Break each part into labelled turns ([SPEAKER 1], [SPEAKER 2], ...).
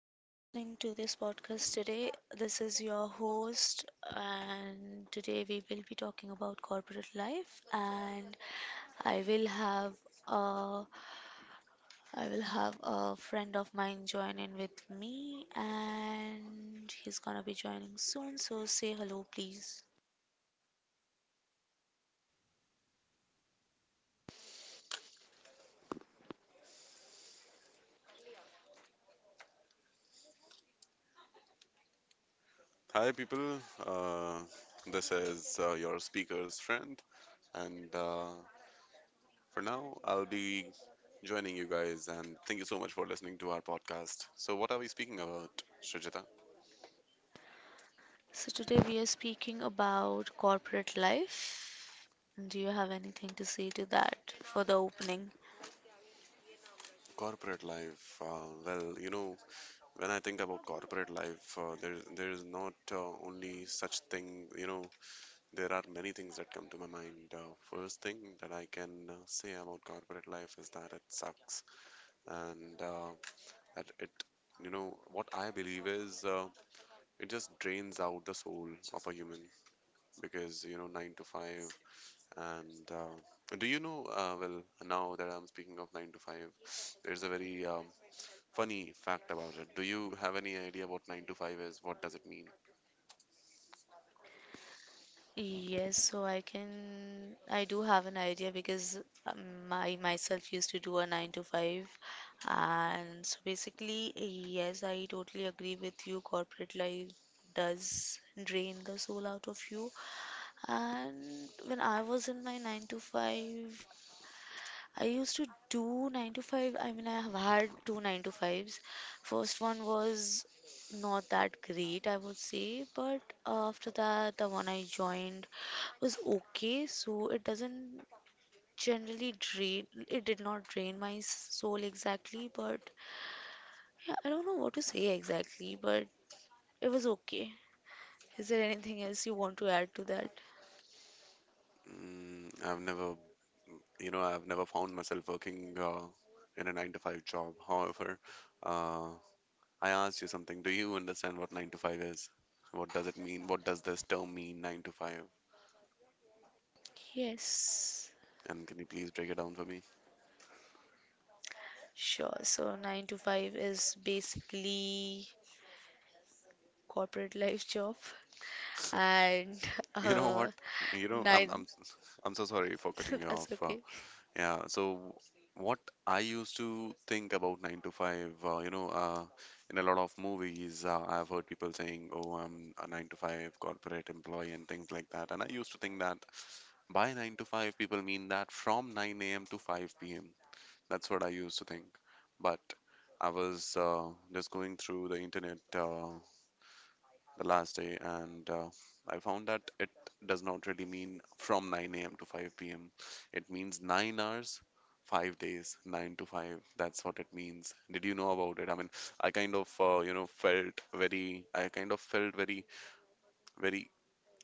[SPEAKER 1] that are listening to this podcast today. This is your host, and today we will be talking about corporate life. And I will have a, I will have a friend of mine join in with me, and he's gonna be joining soon. So say hello, please.
[SPEAKER 2] Hi, people. Uh, this is your speaker's friend, and for now, I'll be joining you guys. And thank you so much for listening to our podcast. So, what are we speaking about, Shrujita?
[SPEAKER 1] So today we are speaking about corporate life. Do you have anything to say to that for the opening?
[SPEAKER 2] Corporate life. Well, you know, when I think about corporate life, there is not only such thing. You know, there are many things that come to my mind. First thing that I can say about corporate life is that it sucks, and that it, you know, what I believe is it just drains out the soul of a human because, you know, nine to five. And Do you know? Well, now that I'm speaking of nine to five, there's a very funny fact about it. Do you have any idea what nine to five is? What does it mean?
[SPEAKER 1] Yes, so I do have an idea because I myself used to do a 9 to 5. And so basically, yes, I totally agree with you. Corporate life does drain the soul out of you. And when I was in my 9 to 5, I used to do 9 to 5. I mean, I have had two 9-to-5s. First one was not that great, I would say, but after that, the one I joined was okay, so it did not drain my soul exactly, but yeah, I don't know what to say exactly, but it was okay. Is there anything else you want to add to that?
[SPEAKER 2] Mm, I've never found myself working in a nine to five job. However, uh, I asked you something. Do you understand what 9 to 5 is? What does it mean? What does this term mean, 9 to 5?
[SPEAKER 1] Yes,
[SPEAKER 2] And can you please break it down for me?
[SPEAKER 1] sure. So 9 to 5 is basically corporate life job. And
[SPEAKER 2] You know what?
[SPEAKER 1] uh
[SPEAKER 2] You know, I'm I'm
[SPEAKER 1] 9
[SPEAKER 2] I'm so sorry for cutting you
[SPEAKER 1] that's
[SPEAKER 2] off. Uh,
[SPEAKER 1] okay.
[SPEAKER 2] yeah, so what I used to think about 9 to 5, in a lot of movies, I've heard people saying, "Oh, I'm a 9 to 5 corporate employee" and things like that. And I used to think that by 9 to 5, people mean that from 9 a.m. to 5 p.m. That's what I used to think. But I was just going through the internet the last day, and I found that it does not really mean from 9 a.m. to 5 p.m. It means 9 hours, 5 days, 9 to 5. That's what it means. Did you know about it? I mean, I kind of felt very, very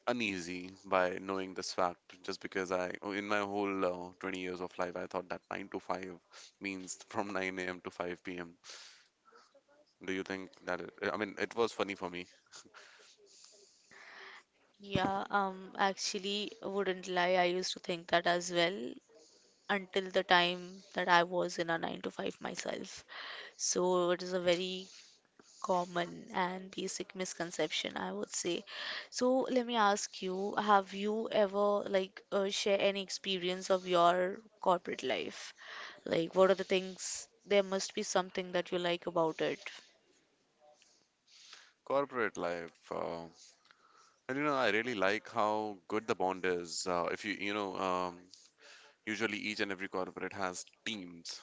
[SPEAKER 2] uneasy by knowing this fact just because I, in my whole 20 years of life, I thought that 9 to 5 means from 9 a.m. to 5 p.m. Do you think that it? I mean, it was funny for me.
[SPEAKER 1] Yeah, actually wouldn't lie, I used to think that as well until the time that I was in a 9 to 5 myself. So it is a very common and basic misconception, I would say. So let me ask you, have you ever like share any experience of your corporate life? Like, what are the things? There must be something that you like about it.
[SPEAKER 2] Corporate life. And you know, I really like how good the bond is. If you, you know, usually each and every corporate has teams,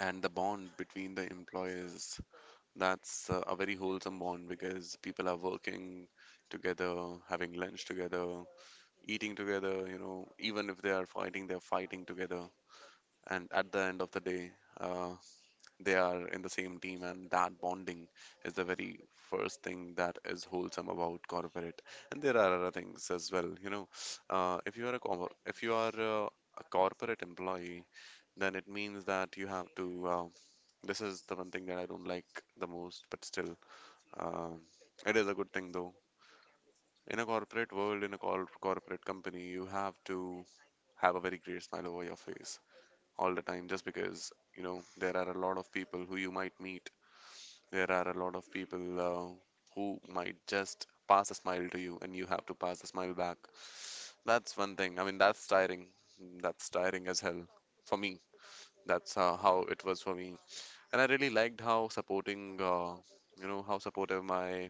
[SPEAKER 2] and the bond between the employees, that's a very wholesome bond, because people are working together, having lunch together, eating together. You know, even if they are fighting, they're fighting together. And at the end of the day, uh, they are in the same team, and that bonding is the very first thing that is wholesome about corporate. And there are other things as well, you know. If you are a co- if you are a corporate employee, then it means that you have to. This is the one thing that I don't like the most, but still, um it is a good thing though. In a corporate world, in a corporate company, you have to have a very great smile over your face all the time just because, you know, there are a lot of people who you might meet. There are a lot of people who might just pass a smile to you, and you have to pass a smile back. That's one thing. I mean, that's tiring. That's tiring as hell for me. That's how it was for me. And I really liked how supporting, you know, how supportive my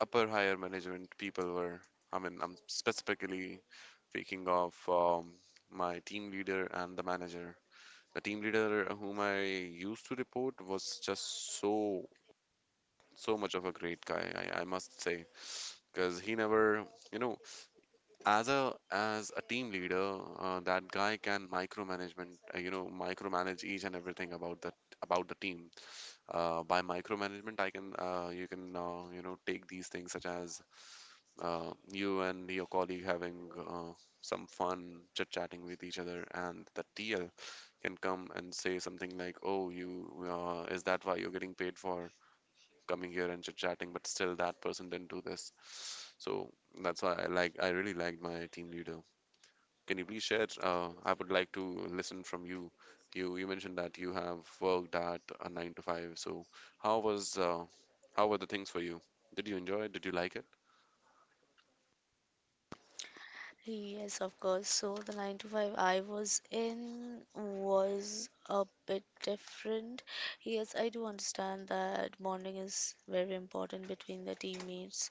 [SPEAKER 2] upper higher management people were. I mean, I'm specifically speaking of my team leader and the manager. The team leader whom I used to report was just so much of a great guy, I must say, because he never, you know, as a team leader, that guy can micromanagement you know micromanage each and everything about that about the team. By micromanagement, I can you can you know take these things such as you and your colleague having some fun chit chatting with each other, and the TL can come and say something like, "Oh, you is that why you're getting paid for coming here and chit chatting?" But still, that person didn't do this. So that's why I really liked my team leader. Can you please share? I would like to listen from you. You mentioned that you have worked at a nine to five. So how was how were the things for you? Did you enjoy it? Did you like it?
[SPEAKER 1] Yes, of course. So the 9 to 5 I was in was a bit different. Yes, I do understand that bonding is very important between the teammates,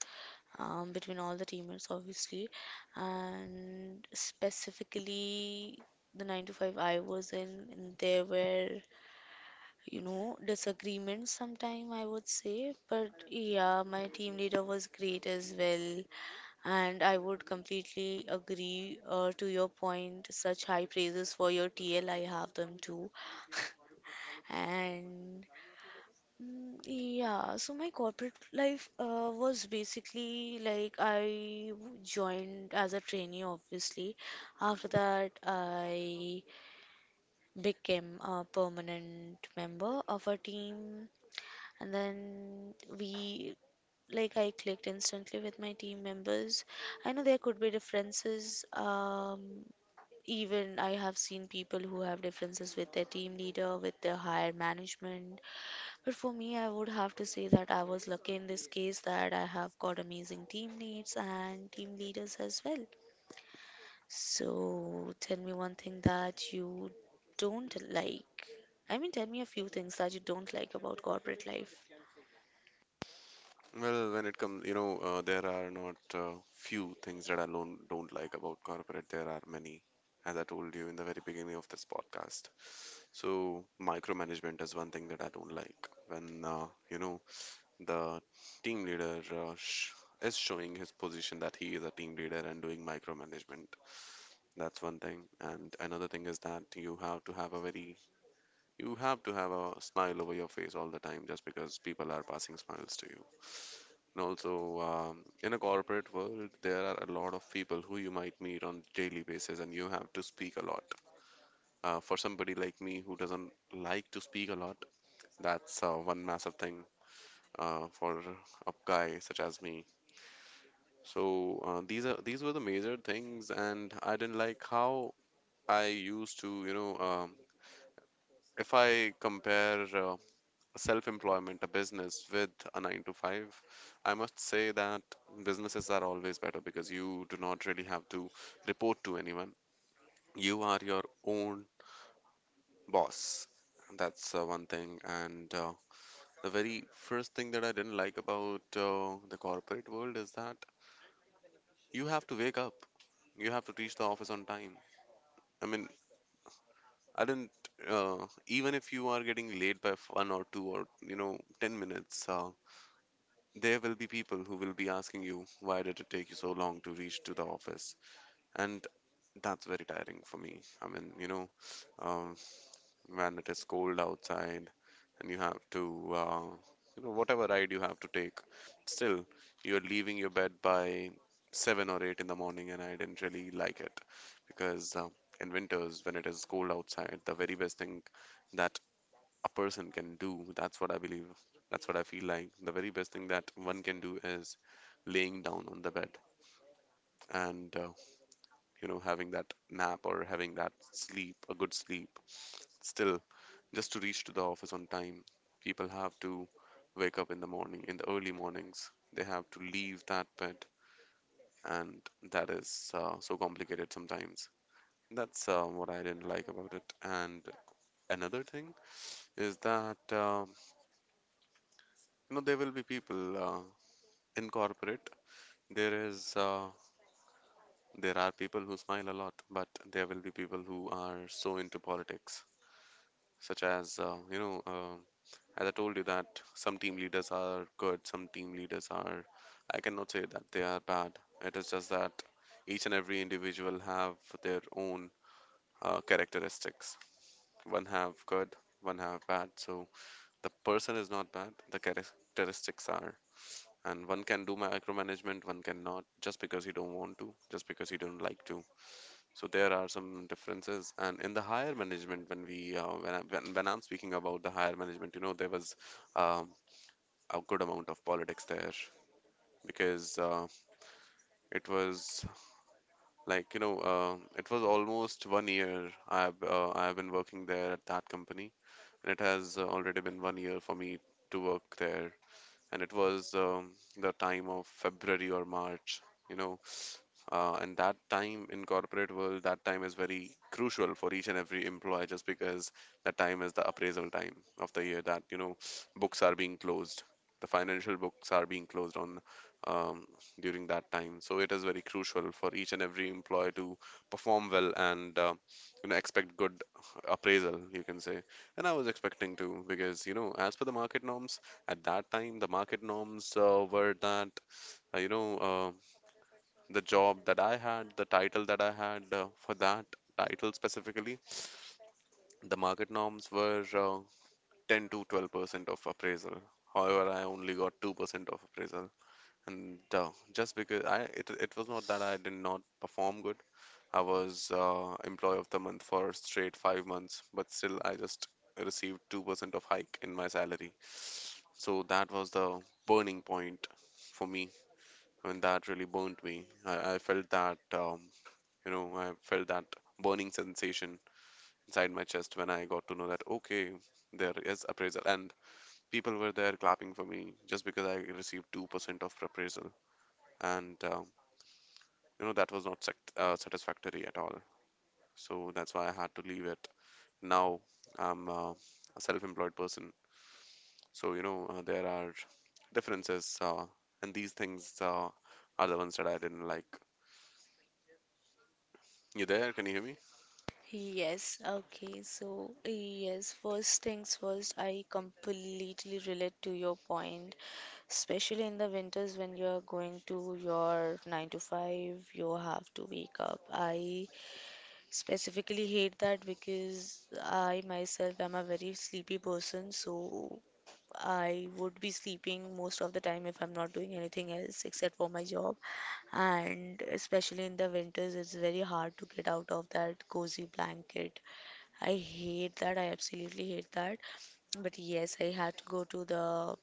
[SPEAKER 1] between all the teammates, obviously. And specifically, the 9 to 5 I was in, there were, disagreements sometime, I would say. But yeah, my team leader was great as well. And I would completely agree to your point. Such high praises for your TL, I have them too. And yeah, so my corporate life was basically like joined as a trainee, obviously. After that, I became a permanent member of a team, and then we like I clicked instantly with my team members. I know there could be differences. Even I have seen people who have differences with their team leader, with their higher management. But for me, I would have to say that I was lucky in this case that I have got amazing teammates and team leaders as well. So tell me one thing that you don't like. I mean, tell me a few things that you don't like about corporate life.
[SPEAKER 2] Well, when it comes, you know, there are not few things that I don't like about corporate. There are many, as I told you in the very beginning of this podcast. So, micromanagement is one thing that I don't like. When, you know, the team leader sh is showing his position that he is a team leader and doing micromanagement. That's one thing. And another thing is that you have to have a smile over your face all the time just because people are passing smiles to you. And also, in a corporate world, there are a lot of people who you might meet on daily basis, and you have to speak a lot. For somebody like me who doesn't like to speak a lot, that's one massive thing for a guy such as me. So these were the major things, and I didn't like how I used to, you know, if I compare self employment, a business with a nine to five, I must say that businesses are always better because you do not really have to report to anyone. You are your own boss. That's one thing. And the very first thing that I didn't like about the corporate world is that you have to wake up, you have to reach the office on time. I mean, I didn't, even if you are getting late by 1 or 2 or, 10 minutes, there will be people who will be asking you, why did it take you so long to reach to the office? And that's very tiring for me. I mean, you know, um, when it is cold outside and you have to, you know, whatever ride you have to take, still, you're leaving your bed by 7 or 8 in the morning, and I didn't really like it because in winters, when it is cold outside, the very best thing that a person can do. That's what I believe. That's what I feel like. The very best thing that one can do is laying down on the bed and, you know, having that nap or having that sleep, a good sleep. Still, just to reach to the office on time, people have to wake up in the morning, in the early mornings. They have to leave that bed, and that is so complicated sometimes. That's what I didn't like about it. And another thing is that you know, there will be people. In corporate, there is uh, there are people who smile a lot, but there will be people who are so into politics, such as, you know, as I told you, that some team leaders are good, some team leaders are, I cannot say that they are bad. It is just that each and every individual have their own characteristics. One have good, one have bad. So the person is not bad, the characteristics are. And one can do micromanagement, one cannot, just because you don't want to, just because you don't like to. So there are some differences, and in the higher management, when we when I'm speaking about the higher management, you know, there was um, a good amount of politics there, because it was like, you know, it was almost 1 year I've been working there at that company, and it has already been 1 year for me to work there. And it was the time of February or March, you know. And that time in corporate world, that time is very crucial for each and every employee just because that time is the appraisal time of the year that, you know, books are being closed. The financial books are being closed on um, during that time. So it is very crucial for each and every employee to perform well, and you know, expect good appraisal, you can say. And I was expecting to, because as per the market norms, at that time, the market norms were that, uh, you know, uh, the job that I had, the title that I had for that title specifically, the market norms were 10 to 12% of appraisal. However, I only got 2% of appraisal. And just because it was not that I did not perform good, I was employee of the month for straight 5 months, but still I just received 2% of hike in my salary. So that was the burning point for me, and that really burnt me. I felt that burning sensation inside my chest when I got to know that, okay, there is appraisal. And people were there clapping for me just because I received 2% of appraisal. And, that was not satisfactory at all. So that's why I had to leave it. Now I'm a self-employed person, so there are differences, and these things are the ones that I didn't like. You there? Can you hear me?
[SPEAKER 1] Yes, okay. So, yes, first things first, I completely relate to your point, especially in the winters when you're going to your 9 to 5, you have to wake up. I specifically hate that because I myself am a very sleepy person, so I would be sleeping most of the time if I'm not doing anything else except for my job. And especially in the winters, it's very hard to get out of that cozy blanket. I hate that. I absolutely hate that. But yes,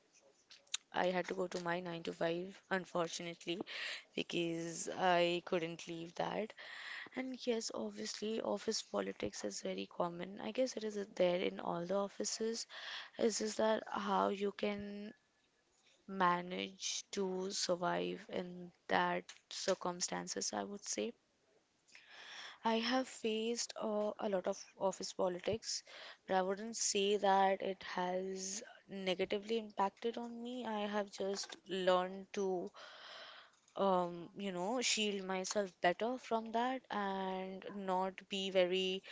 [SPEAKER 1] I had to go to my 9 to 5, unfortunately, because I couldn't leave that. And yes, obviously, office politics is very common. I guess it is there in all the offices. It's just that how you can manage to survive in that circumstances, I would say. I have faced a lot of office politics, but I wouldn't say that it has negatively impacted on me. I have just learned to, shield myself better from that and not be very,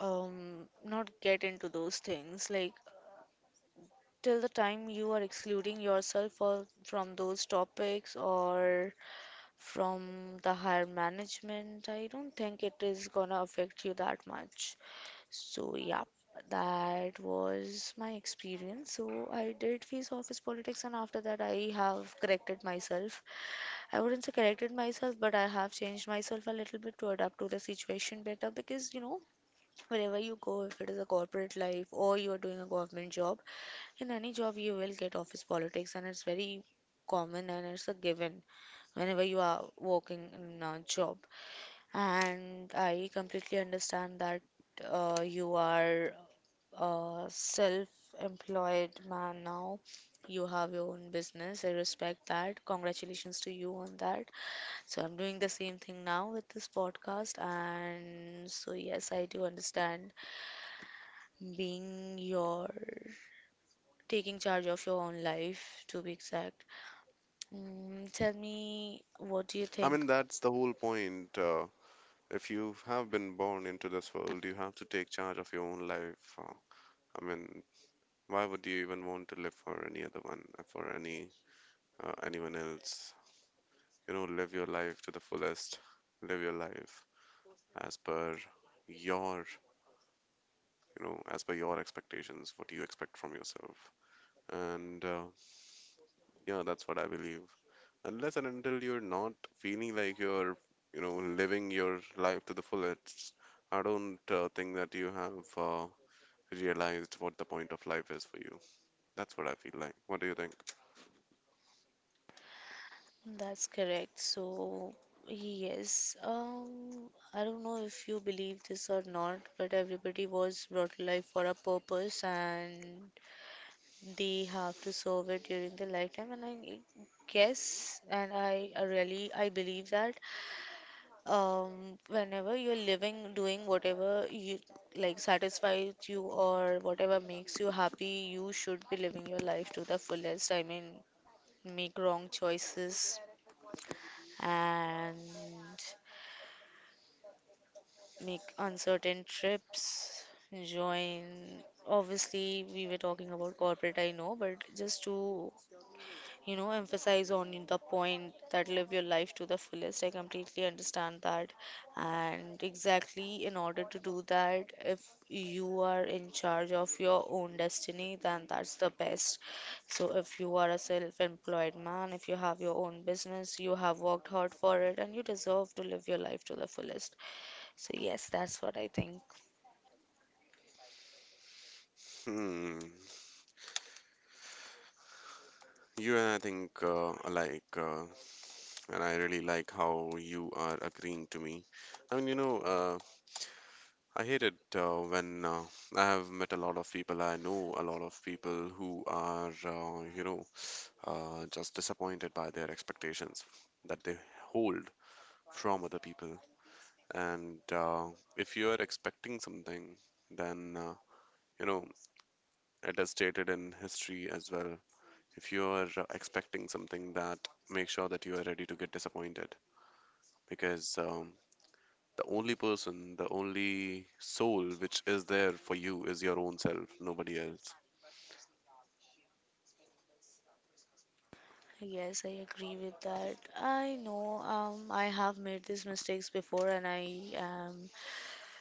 [SPEAKER 1] um, not get into those things. Like, till the time you are excluding yourself from those topics or from the higher management, I don't think it is gonna affect you that much. So, yeah, that was my experience. So, I did face office politics, and after that, I have corrected myself. I wouldn't say corrected myself, but I have changed myself a little bit to adapt to the situation better because wherever you go, if it is a corporate life or you are doing a government job, in any job, you will get office politics, and it's very common and it's a given whenever you are working in a job. And I completely understand that you are self-employed man now. You have your own business. I respect that. Congratulations to you on that. So I'm doing the same thing now with this podcast, and so yes, I do understand being your taking charge of your own life, to be exact. Tell me, what do you
[SPEAKER 2] I
[SPEAKER 1] think?
[SPEAKER 2] mean, that's the whole point. If you have been born into this world, you have to take charge of your own life. I mean, why would you even want to live for any other one, for any anyone else? You know, live your life to the fullest. Live your life as per your your expectations, what you expect from yourself. And yeah, that's what I believe. Unless and until you're not feeling like you're living your life to the fullest, I don't think that you have realized what the point of life is for you. That's what I feel like. What do you think?
[SPEAKER 1] That's correct. So, yes, I don't know if you believe this or not, but everybody was brought to life for a purpose and they have to serve it during their lifetime. And I guess, and I really, I believe that whenever you're living, doing whatever you like satisfies you or whatever makes you happy, you should be living your life to the fullest. I mean, make wrong choices and make uncertain trips, join. Obviously, we were talking about corporate, I know, but just to emphasize on the point that, live your life to the fullest. I completely understand that, and exactly in order to do that, if you are in charge of your own destiny, then that's the best. So if you are a self-employed man, if you have your own business, you have worked hard for it and you deserve to live your life to the fullest. So yes, that's what I think.
[SPEAKER 2] Hmm. You and I think alike, and I really like how you are agreeing to me. I mean, I hate it when I have met a lot of people. I know a lot of people who are, just disappointed by their expectations that they hold from other people. And if you are expecting something, then, you know, it is stated in history as well. If you are expecting something, that make sure that you are ready to get disappointed because the only person, the only soul which is there for you is your own self, nobody else.
[SPEAKER 1] Yes, I agree with that. I know I have made these mistakes before, and I am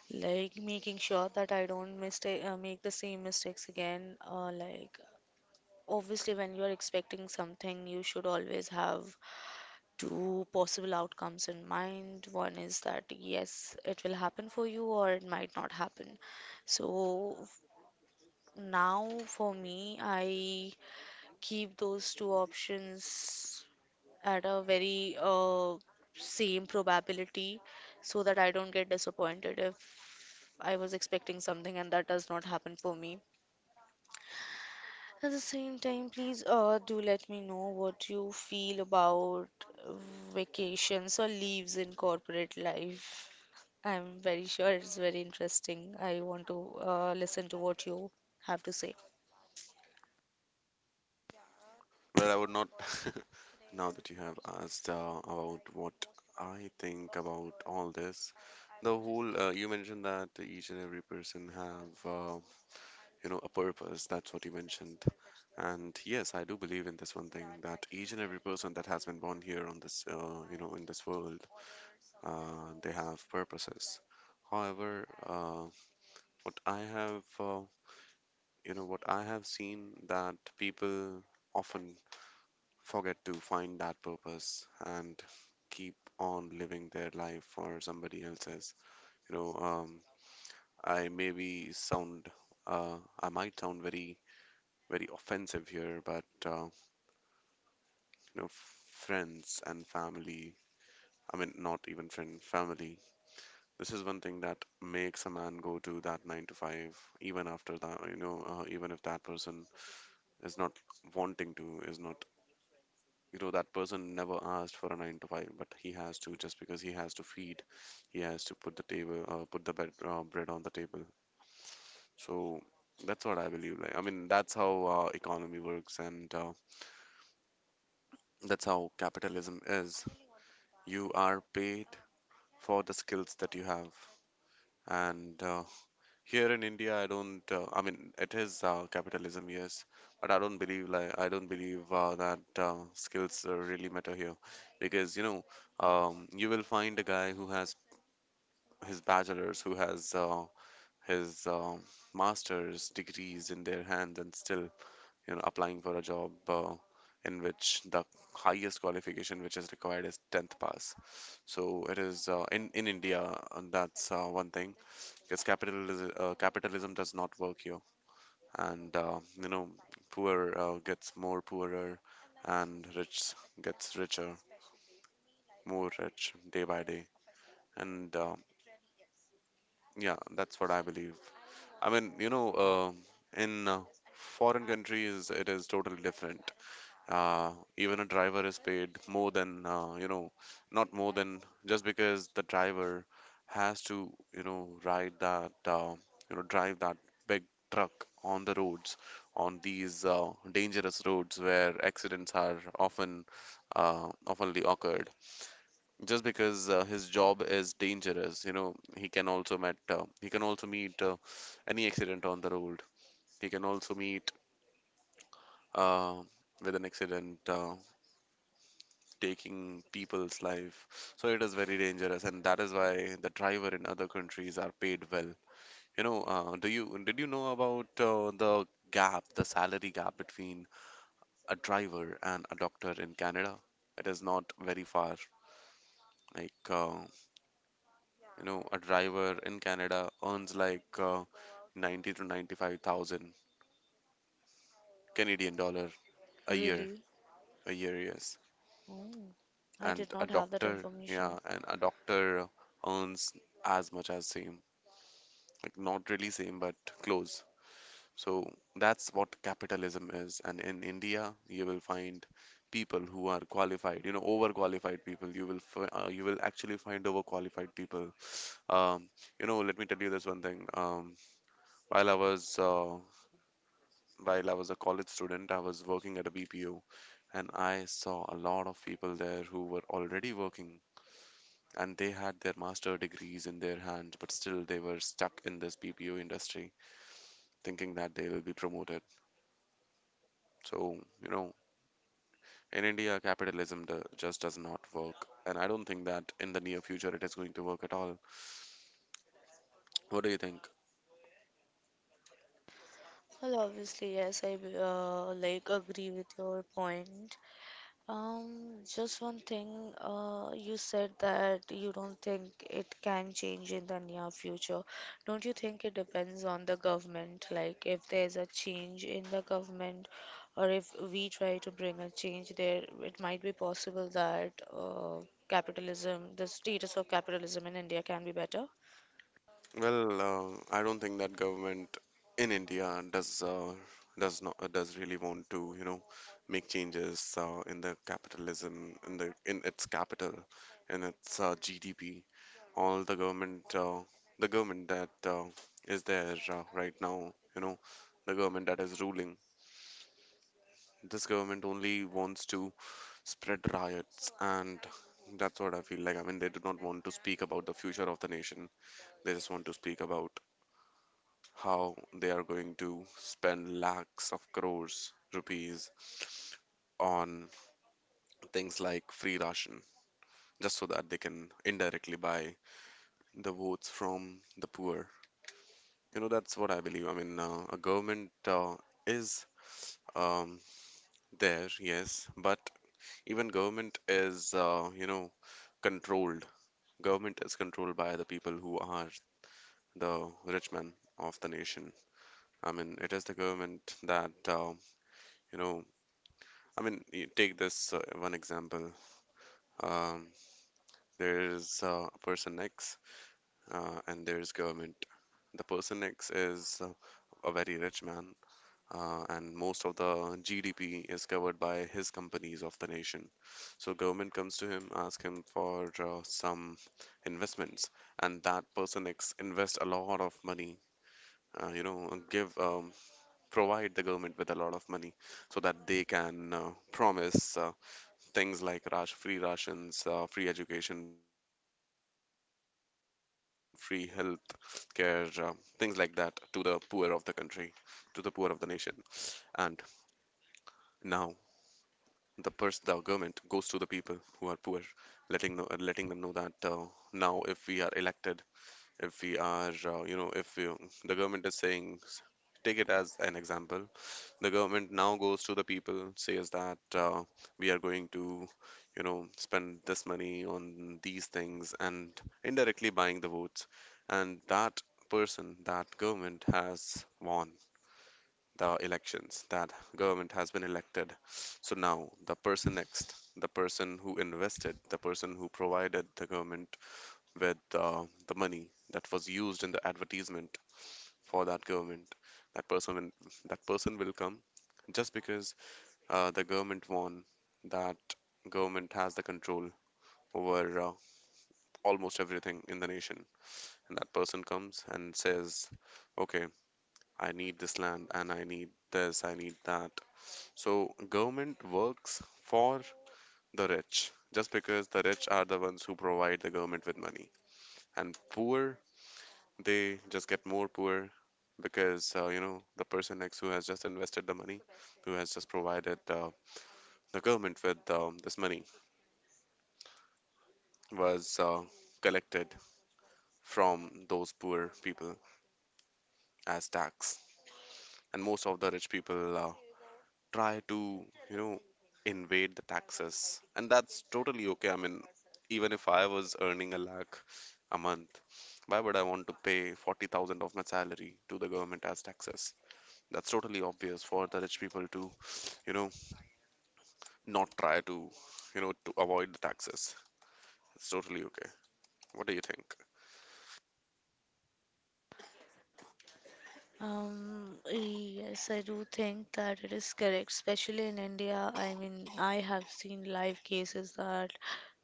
[SPEAKER 1] like making sure that I don't mistake make the same mistakes again. Like obviously, when you are expecting something, you should always have two possible outcomes in mind. One is that yes, it will happen for you, or it might not happen. So now for me, I keep those two options at a very same probability so that I don't get disappointed if I was expecting something and that does not happen for me. At the same time, please do let me know what you feel about vacations or leaves in corporate life. I'm very sure it's very interesting. I want to listen to what you have to say.
[SPEAKER 2] Well, I would not. Now that you have asked about what I think about all this, the whole you mentioned that each and every person have a purpose. That's what you mentioned, and yes, I do believe in this one thing that each and every person that has been born here on this you know in this world, they have purposes. However, what I have, what I have seen that people often forget to find that purpose and keep on living their life for somebody else's. You know, I maybe sound, I might sound very, very offensive here, but you know, friends and family. I mean, not even friend, family. This is one thing that makes a man go to that nine to five, even after that, even if that person is not wanting to, is not, that person never asked for a nine to five, but he has to just because he has to feed, he has to put the bread on the table. So that's what I believe. Like, I mean, that's how economy works, and that's how capitalism is. You are paid for the skills that you have. And here in India, I don't. I mean, it is capitalism, yes, but I don't believe that skills really matter here, because you know, you will find a guy who has his bachelor's, who has his master's degrees in their hands, and still you know applying for a job in which the highest qualification which is required is 10th pass. So it is, in India. And that's one thing, because capitalism does not work here. And you know, poor gets more poorer, and rich gets richer, more rich day by day. And yeah, that's what I believe. I mean, you know, in foreign countries, it is totally different. uh, Even a driver is paid more than you know, not more than, just because the driver has to, you know, drive that big truck on the roads, on these dangerous roads where accidents are often oftenly occurred, just because his job is dangerous. You know, he can also meet any accident on the road. He can also meet uh, with an accident. Taking people's life. So it is very dangerous, and that is why the driver in other countries are paid well. You know, do you did you know about the gap, the salary gap between a driver and a doctor in Canada? It is not very far. Like you know, a driver in Canada earns like 90 to 95 thousand Canadian dollar a year,
[SPEAKER 1] Really?
[SPEAKER 2] a year, yes.
[SPEAKER 1] Oh, I
[SPEAKER 2] And
[SPEAKER 1] did
[SPEAKER 2] a
[SPEAKER 1] not have that
[SPEAKER 2] doctor,
[SPEAKER 1] information.
[SPEAKER 2] yeah, and a doctor earns as much as same. Like, not really same, but close. So that's what capitalism is, and in India, you will find people who are qualified, you know, overqualified people. You will actually find overqualified people. um, you know, let me tell you this one thing. Um, while i was uh, while i was a college student, I was working at a BPO. And I saw a lot of people there who were already working, and they had their master degrees in their hands, but still they were stuck in this BPO industry, thinking that they will be promoted. So, you know, in India, capitalism just does not work. And I don't think that in the near future it is going to work at all. What do you think?
[SPEAKER 1] Well, obviously, yes, I like agree with your point. Just one thing, you said that you don't think it can change in the near future. Don't you think it depends on the government? Like, if there's a change in the government, or if we try to bring a change there, it might be possible that uh, the status of capitalism in India can be better.
[SPEAKER 2] Well, I don't think that government in India does not does really want to, you know, make changes in the capitalism, in its capital, in its GDP. All the government, the government that is there right now, you know, the government that is ruling, this government only wants to spread riots, and that's what I feel like. I mean, they do not want to speak about the future of the nation. They just want to speak about how they are going to spend lakhs of crores rupees on things like free ration, just so that they can indirectly buy the votes from the poor. You know, that's what I believe. I mean, a government is um, there, yes, but even government is, you know, controlled. Government is controlled by the people who are the rich men of the nation. I mean, it is the government that, you know, I mean, you take this one example. Um, there's a person X, and there's government. The person X is a very rich man, and most of the GDP is covered by his companies of the nation. So government comes to him, ask him for some investments, and that person ex invest a lot of money. You know, give provide the government with a lot of money so that they can promise things like free rations, free education, free health care, things like that to the poor of the country, to the poor of the nation. And now the government goes to the people who are poor, letting them know that now if we are elected, if we are, you know, if you, the government is saying, take it as an example, the government now goes to the people, says that we are going to, you know, spend this money on these things, and indirectly buying the votes, and that person, that government has won the elections, that government has been elected. So now the person next, the person who invested, the person who provided the government with the money that was used in the advertisement for that government, that person will come just because the government won, that government has the control over almost everything in the nation. And that person comes and says, okay, I need this land, and I need this, I need that. So government works for the rich just because the rich are the ones who provide the government with money. And poor, they just get more poor because you know, the person next who has just invested the money, who has just provided the government with this money, was collected from those poor people as tax. And most of the rich people try to, you know, invade the taxes. And that's totally okay. I mean, even if I was earning a lakh a month, why would I want to pay 40,000 of my salary to the government as taxes? That's totally obvious for the rich people to, you know, not try to, you know, to avoid the taxes. It's totally okay. What do you think?
[SPEAKER 1] Yes, I do think that it is correct, especially in India. I mean, I have seen live cases that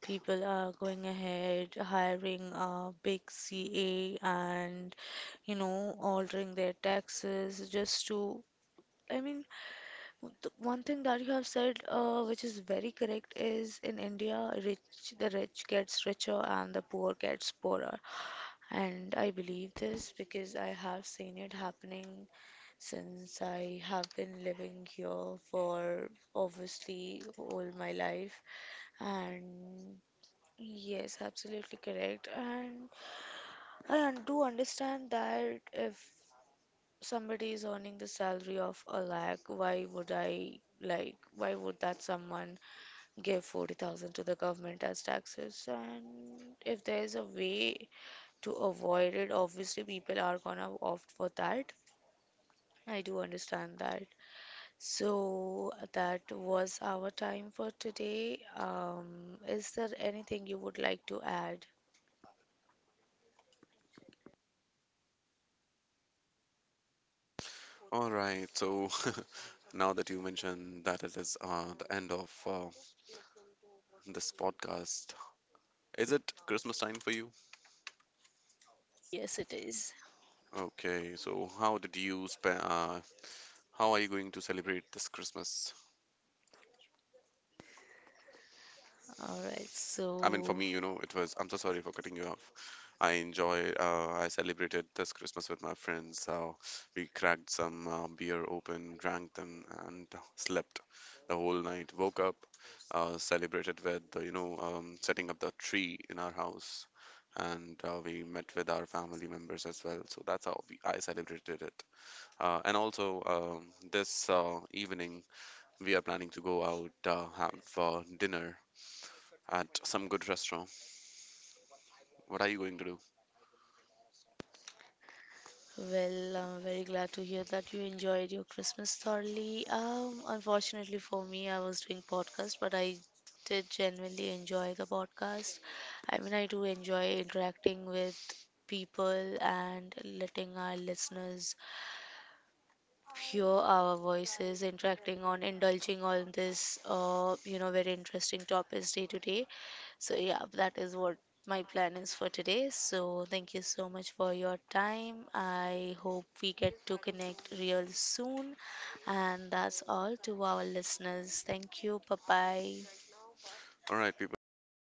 [SPEAKER 1] people are going ahead, hiring a big CA and altering their taxes just to. I mean, the one thing that you have said, which is very correct, is in India, rich the rich gets richer and the poor gets poorer. And I believe this because I have seen it happening since I have been living here for obviously all my life. And yes, absolutely correct. And I do understand that if somebody is earning the salary of a lakh, why would that someone give 40,000 to the government as taxes? And if there's a way to avoid it, obviously people are gonna opt for that. I do understand that. So that was our time for today. Is there anything you would like to add?
[SPEAKER 2] All right, so now that you mentioned that it is the end of this podcast, is it Christmas time for you?
[SPEAKER 1] Yes, it is.
[SPEAKER 2] Okay, so how did you spend? How are you going to celebrate this Christmas?
[SPEAKER 1] All right,
[SPEAKER 2] I mean, for
[SPEAKER 1] so
[SPEAKER 2] me, you know, it was. I'm so sorry for cutting you off. I enjoyed. I celebrated this Christmas with my friends. We cracked some beer open, drank them, and slept the whole night. Woke up, celebrated with setting up the tree in our house, and we met with our family members as well. So that's how I celebrated it. And also this evening, we are planning to go out, have dinner at some good restaurant. What are you going to do?
[SPEAKER 1] well, I'm very glad to hear that you enjoyed your Christmas thoroughly. Unfortunately for me, I was doing podcast, but I did genuinely enjoy the podcast. I mean, I do enjoy interacting with people and letting our listeners hear our voices interacting on indulging on this very interesting topics day to day. So yeah, that is what my plan is for today. So thank you so much for your time. I hope we get to connect real soon. And that's all to our listeners. Thank you. Bye bye.
[SPEAKER 2] All right, people, thank you.